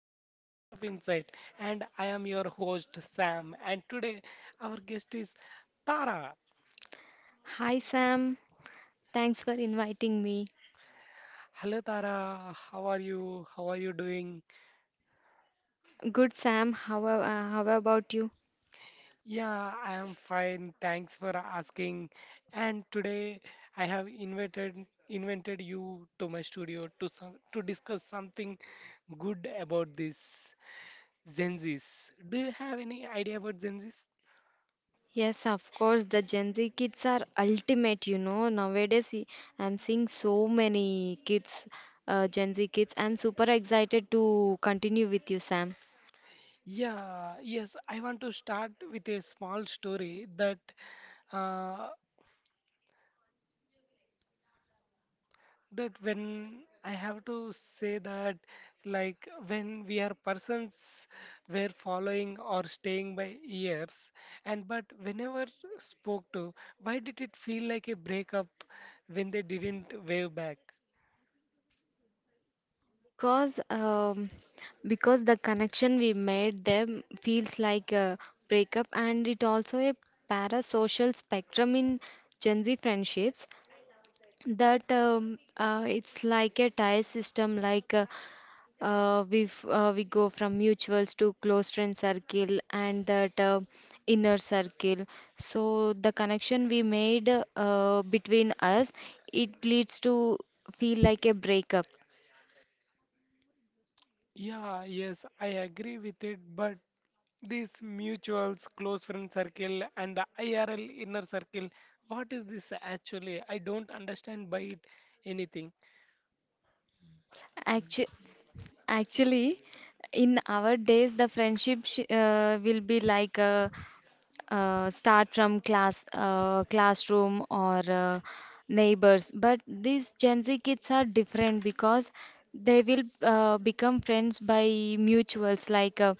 podcast Echoes of Insight, and I am your host Sam, and today our guest is Tara. Hi Sam, thanks for inviting me. Hello Tara, how are you? How are you doing? Good Sam, how about you? Yeah, I am fine. Thanks for asking. And today I have invited you to my studio to to discuss something good about this Gen Zs. Do you have any idea about Gen Zs? Yes, of course, the Gen Z kids are ultimate, you know. I'm seeing so many kids, Gen Z kids. I'm super excited to continue with you, Sam. Yeah, yes, I want to start with a small story that uh, that when I have to say that, like when we are persons were following or staying by years, and but whenever spoke to, why did it feel like a breakup when they didn't wave back? Because um, because the connection we made them feels like a breakup, and it also a parasocial spectrum in Gen Z friendships. That It's like a tie system like we go from mutuals to close friend circle and that inner circle. So the connection we made, between us, it leads to feel like a breakup. Yeah, yes, I agree with it, but these mutuals, close friend circle, and the IRL inner circle. What is this actually? I don't understand by it anything. Actu- actually, in our days the friendship will be like a, start from classroom or neighbors, but these Gen Z kids are different because they will become friends by mutuals.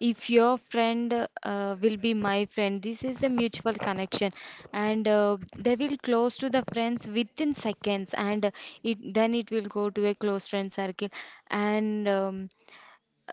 If your friend will be my friend, this is a mutual connection, and they will close to the friends within seconds, and it then it will go to a close friend circle. And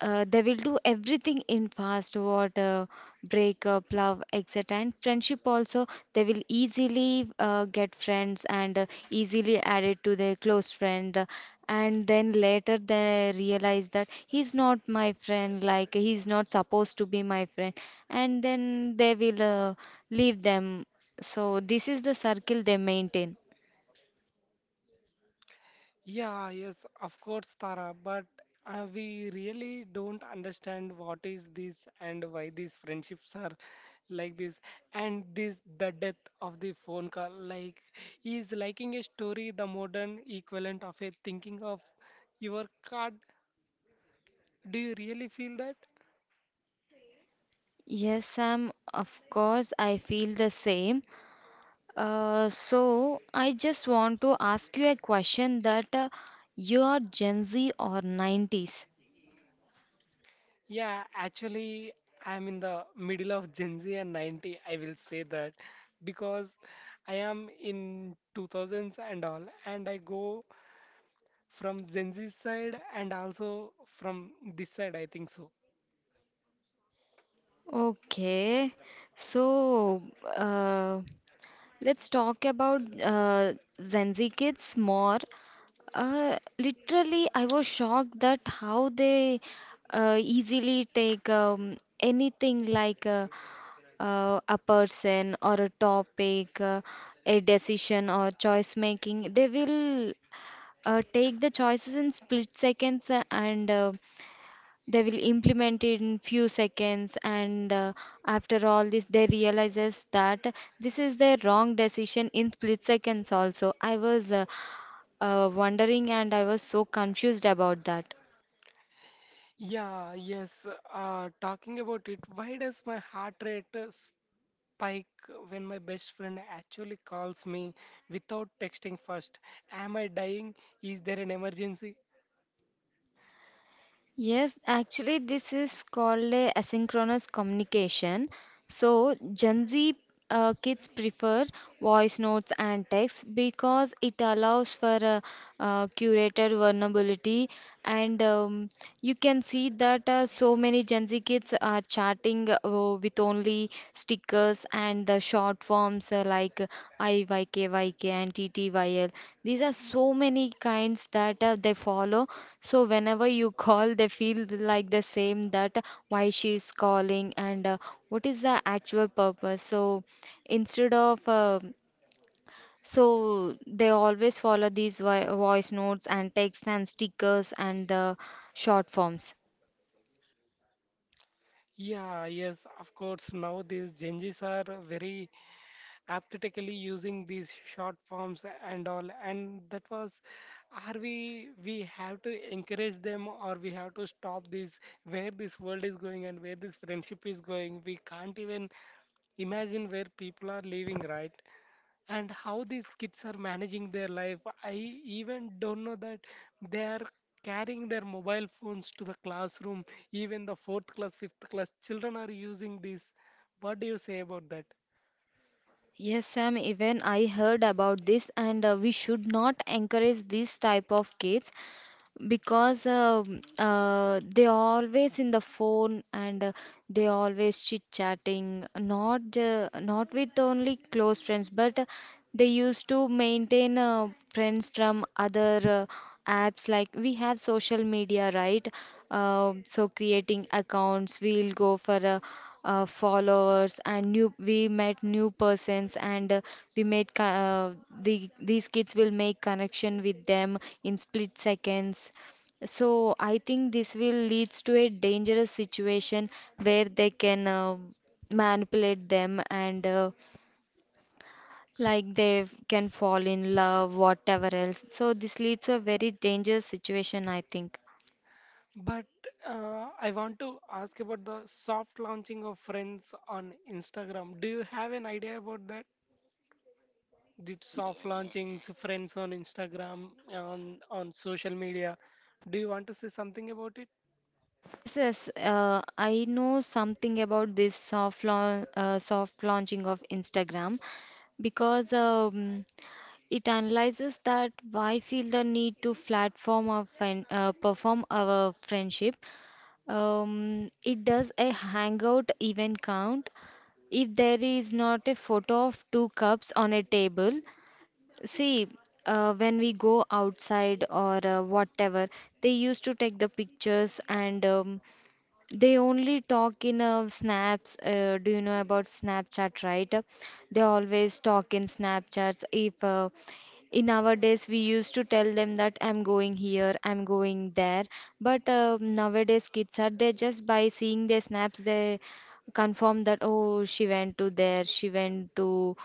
They will do everything in fast water: breakup, love, etc. And friendship also, they will easily get friends and easily added to their close friend. And then later they realize that he's not my friend, like he's not supposed to be my friend. And then they will leave them. So this is the circle they maintain. Yeah, yes, of course, Tara, but we really don't understand what is this and why these friendships are like this. And this, the death of the phone call, like, is liking a story the modern equivalent of a thinking of your card. Do you really feel that? Yes, Sam, of course, I feel the same. So I just want to ask you a question that, you are Gen Z or 90s? Yeah, actually, I'm in the middle of Gen Z and 90, I will say that because I am in 2000s and all, and I go from Gen Z side and also from this side, I think so. Okay, so, uh, let's talk about Gen Z kids more. Literally, I was shocked that how they easily take anything, like a person or a topic, a decision or choice making. They will take the choices in split seconds, and they will implement it in few seconds, and after all this they realizes that this is the wrong decision in split seconds. Also I was wondering, and I was so confused about that. Yeah, yes, talking about it, why does my heart rate spike when my best friend actually calls me without texting first? Am I dying? Is there an emergency? Yes, actually, this is called a asynchronous communication. So, Gen Z kids prefer voice notes and text because it allows for a, curated vulnerability. And You can see that so many Gen Z kids are chatting with only stickers and the short forms, like IYKYK and TTYL. These are so many kinds that they follow. So whenever you call, they feel like the same, that why she is calling and what is the actual purpose. So instead of so they always follow these voice notes and text and stickers and the short forms. Yeah, yes, of course. Now these changes are very apathetically using these short forms and all. And that was, are we have to encourage them, or we have to stop this where this world is going and where this friendship is going? We can't even imagine where people are living, right? And how these kids are managing their life. I even don't know that they are carrying their mobile phones to the classroom. Even the fourth class, fifth class children are using this. What do you say about that? Yes, Sam, even I heard about this, and we should not encourage this type of kids because they always in the phone, and they always chit chatting, not with only close friends, but they used to maintain friends from other apps, like we have social media, right? So creating accounts, we'll go for a, followers, and new we met new persons, and we made co- uh, the these kids will make connection with them in split seconds. So I think this will leads to a dangerous situation where they can manipulate them, and like they can fall in love, whatever else. So this leads to a very dangerous situation, I think. But I want to ask about the soft launching of friends on Instagram. Do you have an idea about that? Did soft launchings, friends on Instagram, on social media? Do you want to say something about it? Yes, yes. I know something about this soft launch, soft launching of Instagram, because it analyzes that why feel the need to platform our friend, perform our friendship. It does a hangout event count if there is not a photo of two cups on a table. See, when we go outside or whatever, they used to take the pictures, and they only talk in snaps. Do you know about Snapchat, right? They always talk in Snapchats. If in our days we used to tell them that I'm going here, I'm going there, but nowadays kids are there, just by seeing their snaps they confirm that oh, she went to there, she went to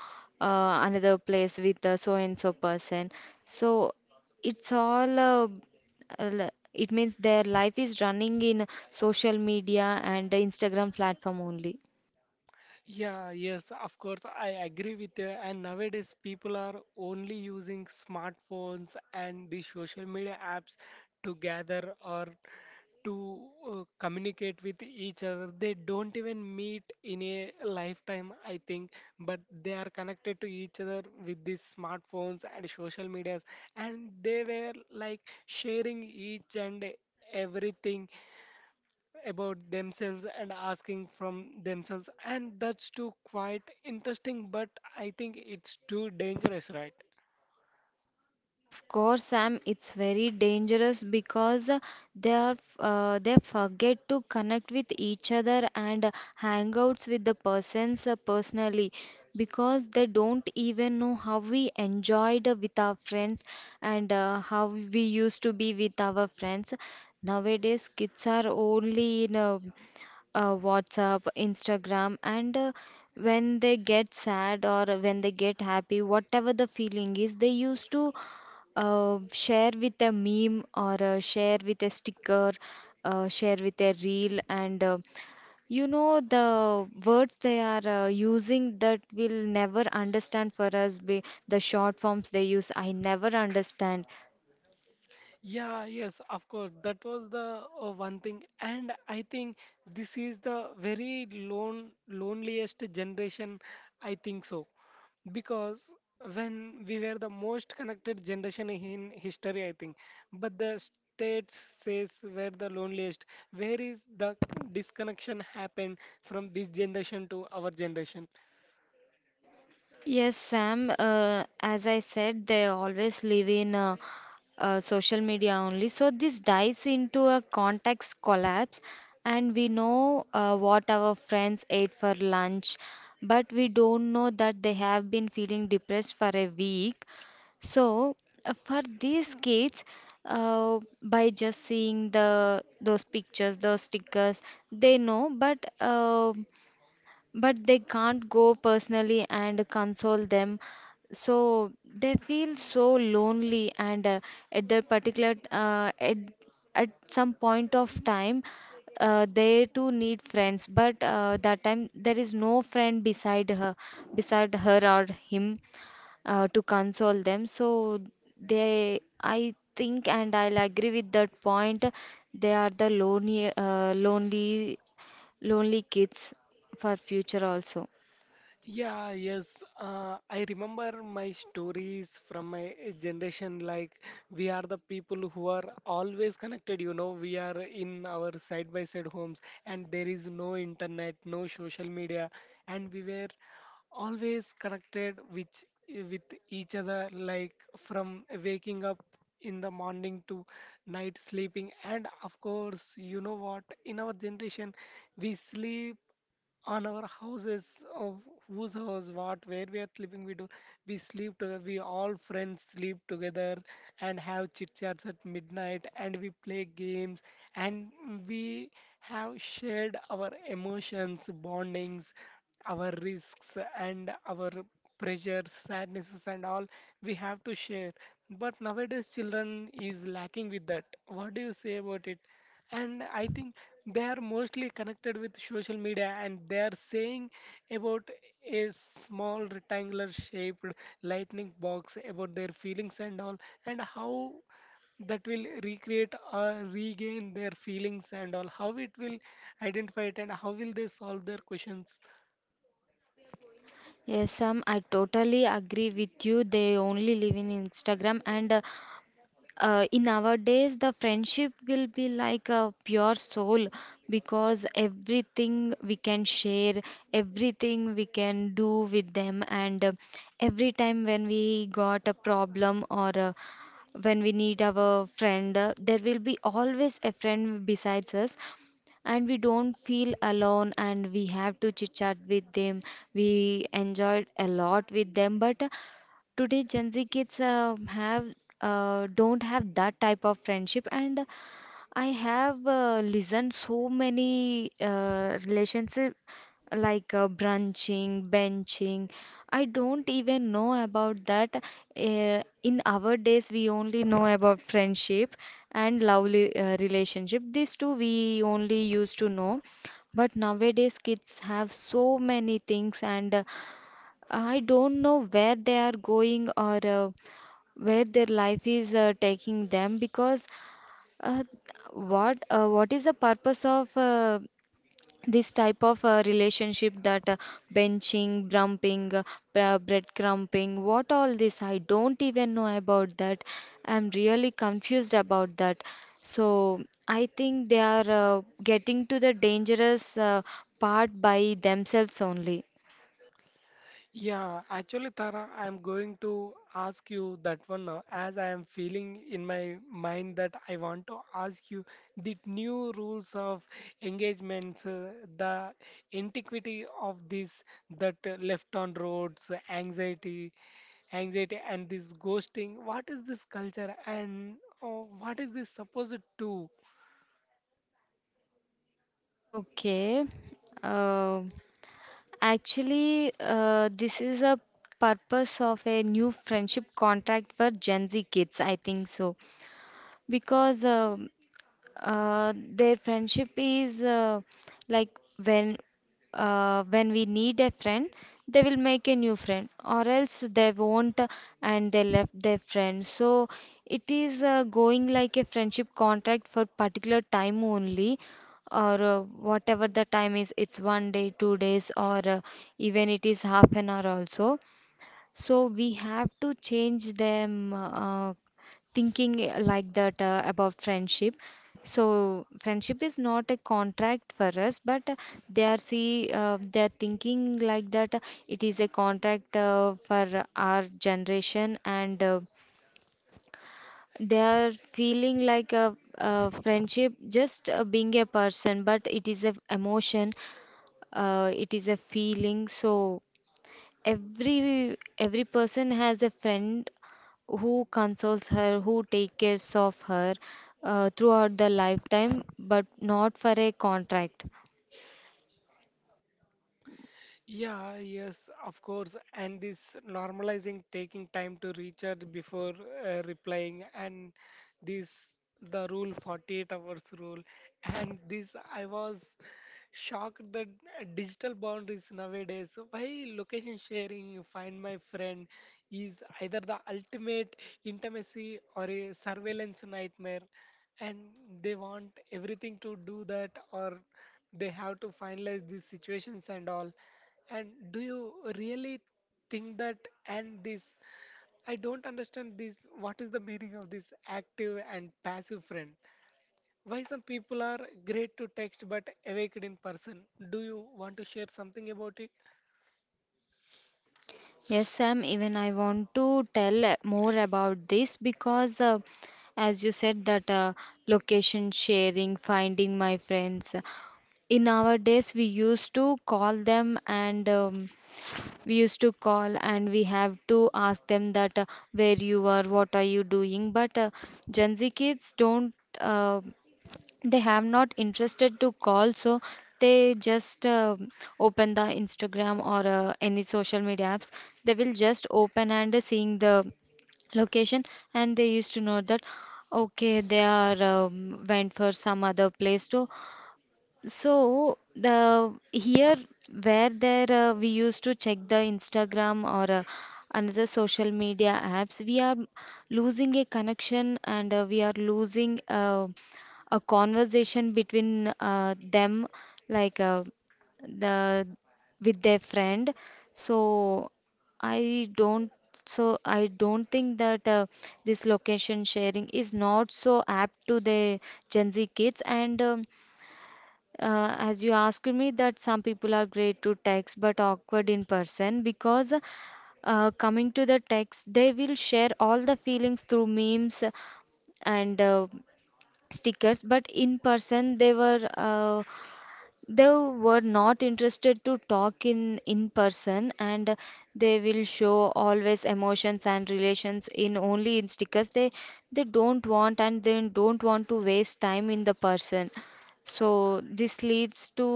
another place with so and so person. So it's all it means their life is running in social media and Instagram platform only. Yeah, yes, of course, I agree with you. And nowadays, people are only using smartphones and the social media apps to gather or to communicate with each other. They don't even meet in a lifetime, I think, but they are connected to each other with these smartphones and social medias, and they were like sharing each and everything about themselves and asking from themselves, and that's too quite interesting, but I think it's too dangerous, right? Of course, Sam, it's very dangerous because they forget to connect with each other and hangouts with the persons personally, because they don't even know how we enjoyed with our friends, and how we used to be with our friends. Nowadays, kids are only in WhatsApp, Instagram, and when they get sad or when they get happy, whatever the feeling is, they used to share with a meme, or share with a sticker, share with a reel, and you know the words they are using that we'll never understand for us. Be the short forms they use, I never understand. Yeah, yes, of course. That was the one thing, and I think this is the very loneliest generation. I think so, because when we were the most connected generation in history, I think, but the states says we're the loneliest. Where is the disconnection happened from this generation to our generation? Yes, Sam. As I said, they always live in social media only. So this dives into a context collapse, and we know what our friends ate for lunch, but we don't know that they have been feeling depressed for a week. So for these kids, by just seeing the those pictures, those stickers, they know. But they can't go personally and console them. So they feel so lonely, and at that particular at some point of time they too need friends, but that time there is no friend beside her, beside her or him, to console them. So they, I think, and I'll agree with that point. They are the lonely, lonely kids for future also. Yeah, yes. I remember my stories from my generation. Like, we are the people who are always connected, you know. We are in our side by side homes, and there is no internet, no social media, and we were always connected which, with each other, like from waking up in the morning to night sleeping. And of course, you know what? In our generation, we sleep on our houses of whose house, what, where we are sleeping, we sleep together, we all friends sleep together and have chit chats at midnight, and we play games, and we have shared our emotions, bondings, our risks, and our pressures, sadnesses and all we have to share. But nowadays children is lacking with that. What do you say about it? And I think they are mostly connected with social media, and they are saying about a small rectangular shaped lightning box about their feelings and all, and how that will recreate or regain their feelings and all, how it will identify it, and how will they solve their questions? Yes, Sam, I totally agree with you. They only live in Instagram, and in our days the friendship will be like a pure soul, because everything we can share, everything we can do with them, and every time when we got a problem, or when we need our friend, there will be always a friend besides us, and we don't feel alone, and we have to chit chat with them. We enjoyed a lot with them, but today Gen Z kids have don't have that type of friendship. And I have listened so many relationship, like, brunching, benching. I don't even know about that. In our days, we only know about friendship and lovely relationship. These two we only used to know. But nowadays, kids have so many things, and I don't know where they are going, or where their life is taking them, because uh, what is the purpose of this type of relationship, that benching, bumping, breadcrumbing, what all this? I don't even know about that. I'm really confused about that. So I think they are getting to the dangerous part by themselves only. Yeah, actually, Tara, I'm going to ask you that one now, as I am feeling in my mind that I want to ask you the new rules of engagements, the antiquity of this, that left on roads, anxiety, and this ghosting. What is this culture and uh, what is this supposed to? Okay. Uh, Actually, this is a purpose of a new friendship contract for Gen Z kids, I think so. Because their friendship is, like, when when we need a friend, they will make a new friend, or else they won't, and they left their friend. So it is going like a friendship contract for particular time only, or whatever the time is. It's one day, two days, or even it is half an hour also. So we have to change them thinking like that about friendship. So friendship is not a contract for us, but they are thinking like that. Uh, it is a contract for our generation, and they are feeling like a friendship just being a person, but it is a emotion. It is a feeling. So every person has a friend who consoles her, who takes care of her throughout the lifetime, but not for a contract. Yeah, yes, of course. And this normalizing taking time to recharge before replying, and this the rule 48 hours rule. And this, I was shocked that digital boundaries nowadays, why location sharing, find my friend, is either the ultimate intimacy or a surveillance nightmare. And they want everything to do that, or they have to finalize these situations and all. And do you really think that and this? I don't understand this. What is the meaning of this active and passive friend? Why some people are great to text but awake in person? Do you want to share something about it? Yes, Sam, even I want to tell more about this, because, as you said, that location sharing, finding my friends. In our days, we used to call them, and we used to call and we have to ask them that where you are, what are you doing. But Gen Z kids don't. They have not interested to call, so they just open the Instagram or any social media apps. They will just open and seeing the location, and they used to know that okay, they are went for some other place to, so the here where there, we used to check the Instagram or another social media apps, we are losing a connection, and we are losing a conversation between them, like, the with their friend. So I don't. So I don't think that this location sharing is not so apt to the Gen Z kids and. As you asked me that some people are great to text but awkward in person, because coming to the text they will share all the feelings through memes and stickers, but in person they were not interested to talk in person, and they will show always emotions and relations in only in stickers. They don't want, and they don't want to waste time in the person, so this leads to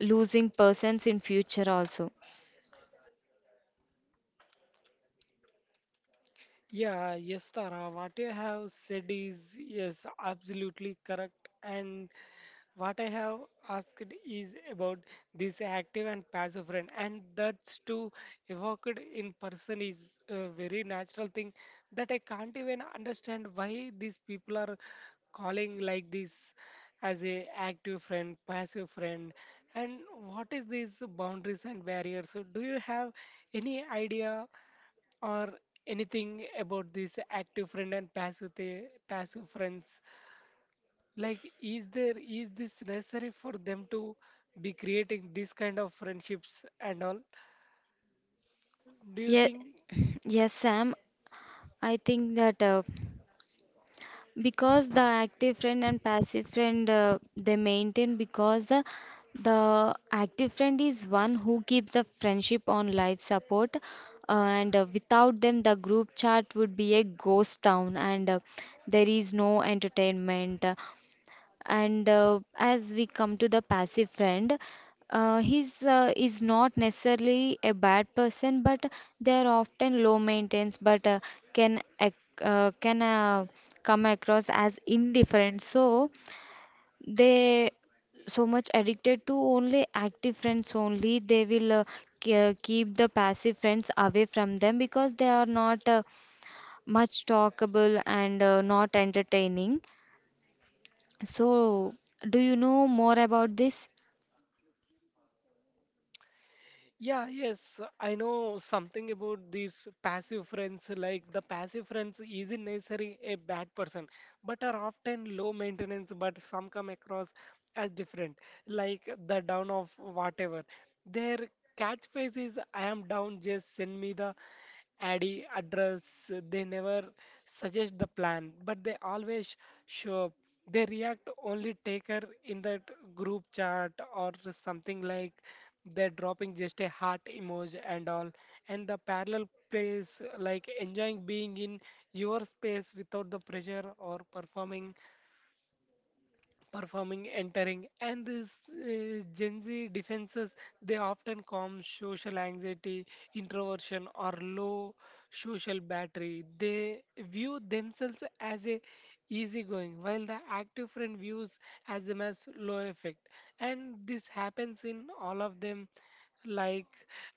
losing persons in future also. Yeah, yes, Tara, what you have said is yes, absolutely correct. And what I have asked is about this active and passive friend, and that's to evoked in person is a very natural thing that I can't even understand why these people are calling like this as a active friend, passive friend, and what is these boundaries and barriers? So, do you have any idea or anything about this active friend and passive the passive friends? Like, is there is this necessary for them to be creating this kind of friendships and all? Do you Yeah, think? yes, Sam, I think that because the active friend and passive friend, they maintain, because the active friend is one who keeps the friendship on life support, and without them the group chat would be a ghost town, and there is no entertainment. And as we come to the passive friend, he's is not necessarily a bad person, but they are often low maintenance, but can can come across as indifferent. So they so much addicted to only active friends only, they will keep the passive friends away from them, because they are not much talkable and not entertaining. So, do you know more about this? Yeah, yes, I know something about these passive friends. Like the passive friends isn't necessarily a bad person, but are often low maintenance, but some come across as different, like the down of whatever. Their catchphrase is I am down, just send me the addy address. They never suggest the plan, but they always show up. They react only take her in that group chat or something like they're dropping just a heart emoji and all, and the parallel place like enjoying being in your space without the pressure or performing, entering, and this Gen Z defenses, they often calm social anxiety, introversion, or low social battery. They view themselves as a easygoing, while the active friend views as them as low effect, and this happens in all of them like.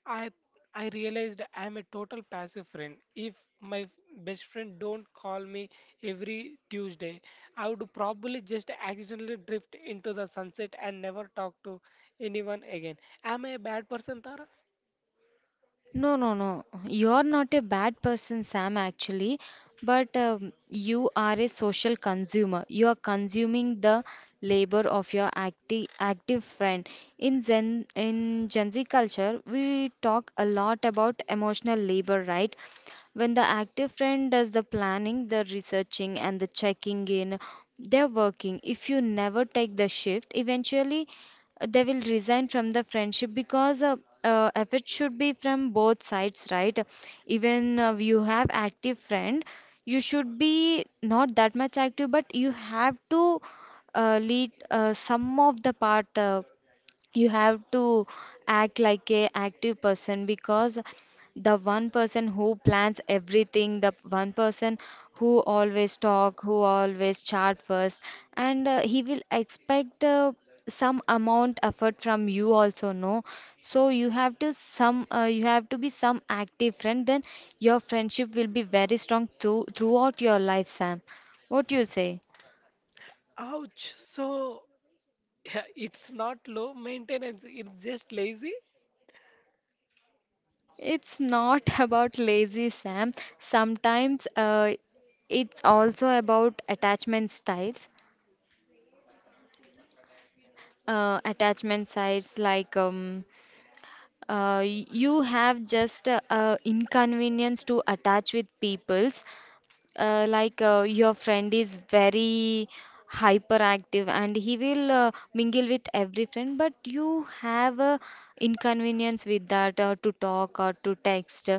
I I realized I'm a total passive friend. If my f- best friend don't call me every Tuesday, I would probably just accidentally drift into the sunset and never talk to anyone again. Am I a bad person, Tara? No, no, no. You're not a bad person, Sam, actually, but you are a social consumer. You are consuming the labor of your active friend. In Gen Z culture, we talk a lot about emotional labor, right? When the active friend does the planning, the researching, and the checking in, they're working. If you never take the shift, eventually they will resign from the friendship, because effort should be from both sides, right? Even you have active friend, you should be not that much active, but you have to lead some of the part. You have to act like a active person, because the one person who plans everything, the one person who always talk, who always chat first, and he will expect some amount effort from you also, no? So you have to some, you have to be some active friend, then your friendship will be very strong throughout your life, Sam. What do you say? Ouch. So it's not low maintenance, it's just lazy. It's not about lazy, Sam. Sometimes it's also about attachment styles, attachment sites, like you have just inconvenience to attach with peoples. Like, your friend is very hyperactive and he will mingle with every friend, but you have a inconvenience with that to talk or to text.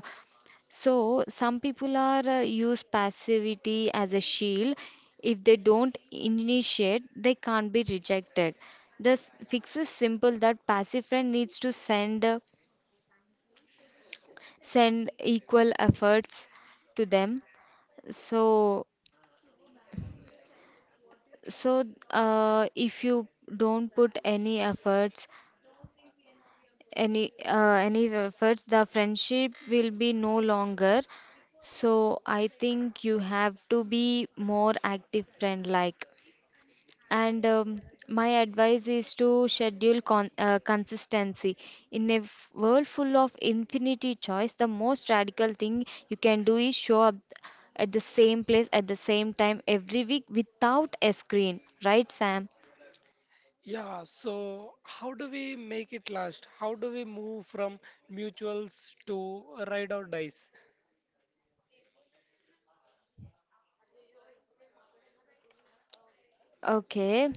So, some people are use passivity as a shield. If they don't initiate, they can't be rejected. The fix is simple, that passive friend needs to send equal efforts to them. So, so, if you don't put any efforts, any any efforts, the friendship will be no longer. So I think you have to be more active friend, like. And my advice is to schedule consistency. In a world full of infinity choice, the most radical thing you can do is show up at the same place at the same time every week without a screen. Right, Sam? Yeah, so how do we make it last? How do we move from mutuals to ride or dies? Okay.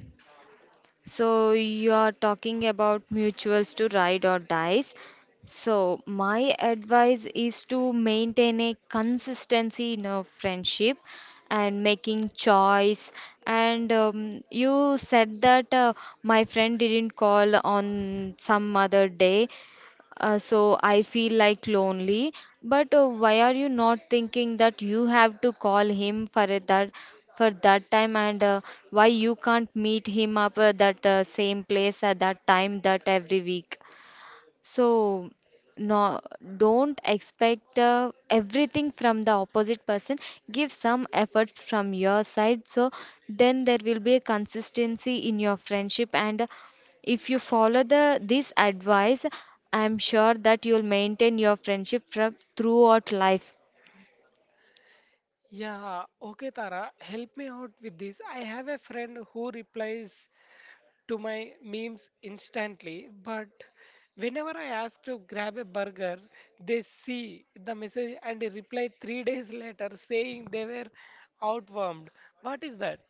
So you are talking about mutuals to ride or dies. So my advice is to maintain a consistency in a friendship and making choice. And you said that my friend didn't call on some other day. So I feel like lonely, but why are you not thinking that you have to call him for it, that for that time, and why you can't meet him up at that same place at that time that every week? So, no, don't expect everything from the opposite person. Give some effort from your side. So, then there will be a consistency in your friendship. And if you follow the this advice, I'm sure that you'll maintain your friendship from throughout life. Yeah, okay, Tara, help me out with this. I have a friend who replies to my memes instantly, but whenever I ask to grab a burger, they see the message and they reply three days later saying they were outwormed. What is that?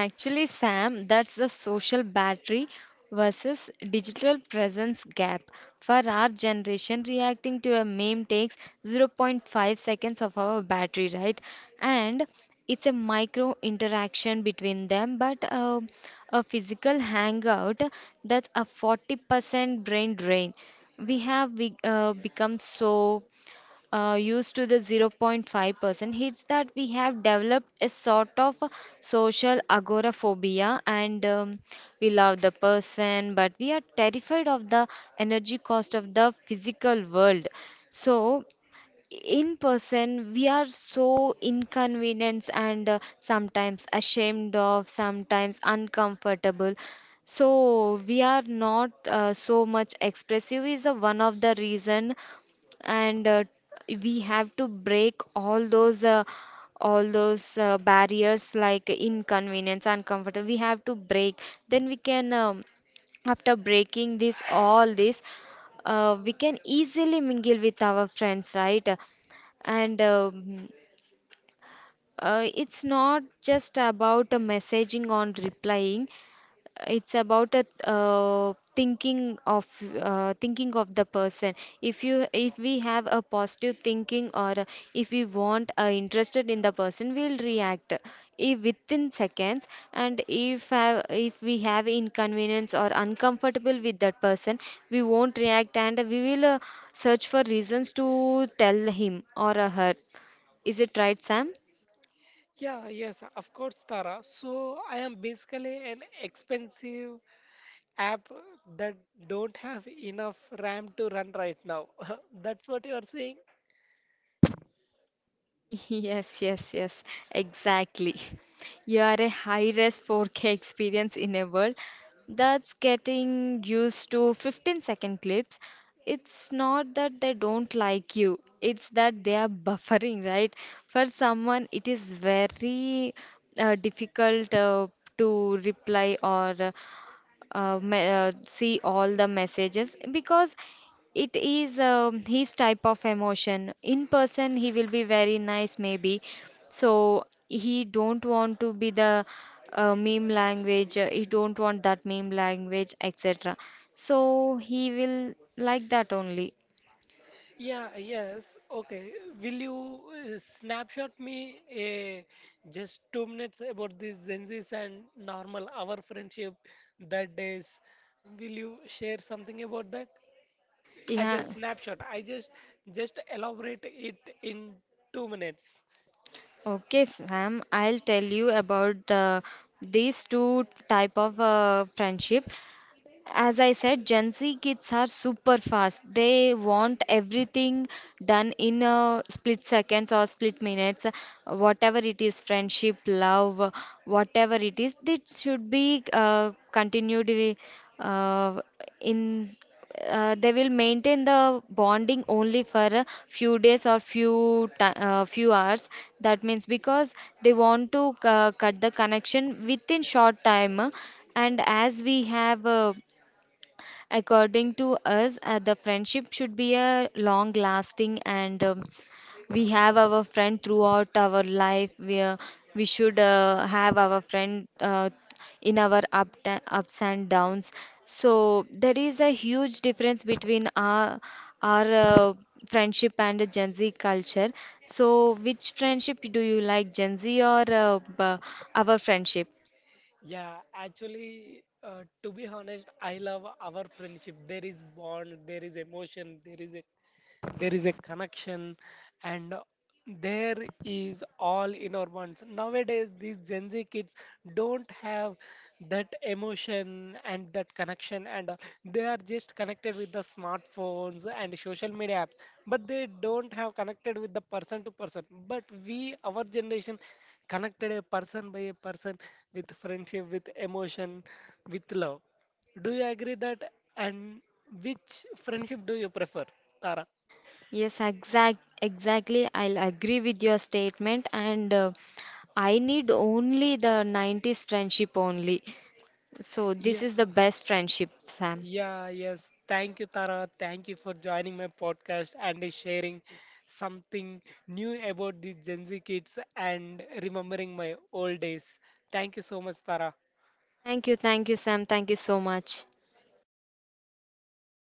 Actually, Sam, that's the social battery versus digital presence gap. For our generation, reacting to a meme takes zero point 0.5 seconds of our battery, right? And it's a micro interaction between them, but a physical hangout, that's a 40% brain drain. We have become so used to the 0.5%, it's that we have developed a sort of a social agoraphobia, and we love the person, but we are terrified of the energy cost of the physical world. So, in person, we are so inconvenienced, and sometimes ashamed of, sometimes uncomfortable. So we are not so much expressive is a one of the reason. And we have to break all those barriers, like inconvenience, uncomfortable, we have to break. Then we can, after breaking this all this, we can easily mingle with our friends, right? And it's not just about messaging on replying, it's about a, uh, thinking of thinking of the person. If we have a positive thinking, or if we want, interested in the person, we'll react if within seconds. And if we have inconvenience or uncomfortable with that person, we won't react, and we will search for reasons to tell him or her. Is it right, Sam? Yeah, yes, of course, Tara. So I am basically an expensive app that don't have enough RAM to run right now. That's what you are saying? Yes, yes, yes, exactly. You are a high-res 4K experience in a world that's getting used to 15-second clips. It's not that they don't like you, it's that they are buffering, right? For someone, it is very difficult to reply or see all the messages, because it is, his type of emotion in person he will be very nice maybe, so he don't want to be the meme language, he don't want that meme language, etc, so he will like that only. Yeah, yes, okay. Will you snapshot me a just 2 minutes about this Zenzis and normal our friendship that days? Will you share something about that as a Yeah, snapshot? I Just elaborate it in 2 minutes. okay, Sam, I'll tell you about these two type of friendship. As I said, Gen Z kids are super fast. They want everything done in a split seconds or split minutes, whatever it is, friendship, love, whatever it is, it should be continued uh, in. They will maintain the bonding only for a few days or few hours. That means because they want to cut the connection within short time, and as we have. According to us, the friendship should be a long lasting, and we have our friend throughout our life. We should have our friend in our up ups and downs. So there is a huge difference between our friendship and the Gen Z culture. So which friendship do you like, Gen Z or our friendship? Yeah, actually, to be honest, I love our friendship. There is bond, there is emotion, there is a connection, and there is all in our minds. Nowadays these Gen Z kids don't have that emotion and that connection, and they are just connected with the smartphones and social media apps, but they don't have connected with the person to person. But we, our generation, connected a person by a person, with friendship, with emotion, with love. Do you agree that? And which friendship do you prefer, Tara? Yes, exactly. I'll agree with your statement, and I need only the 90s friendship only. So, Yeah, this is the best friendship, Sam. yeah, yes. Thank you, Tara. Thank you for joining my podcast and sharing something new about the Gen Z kids and remembering my old days. Thank you so much, Tara. Thank you, Sam. Thank you so much.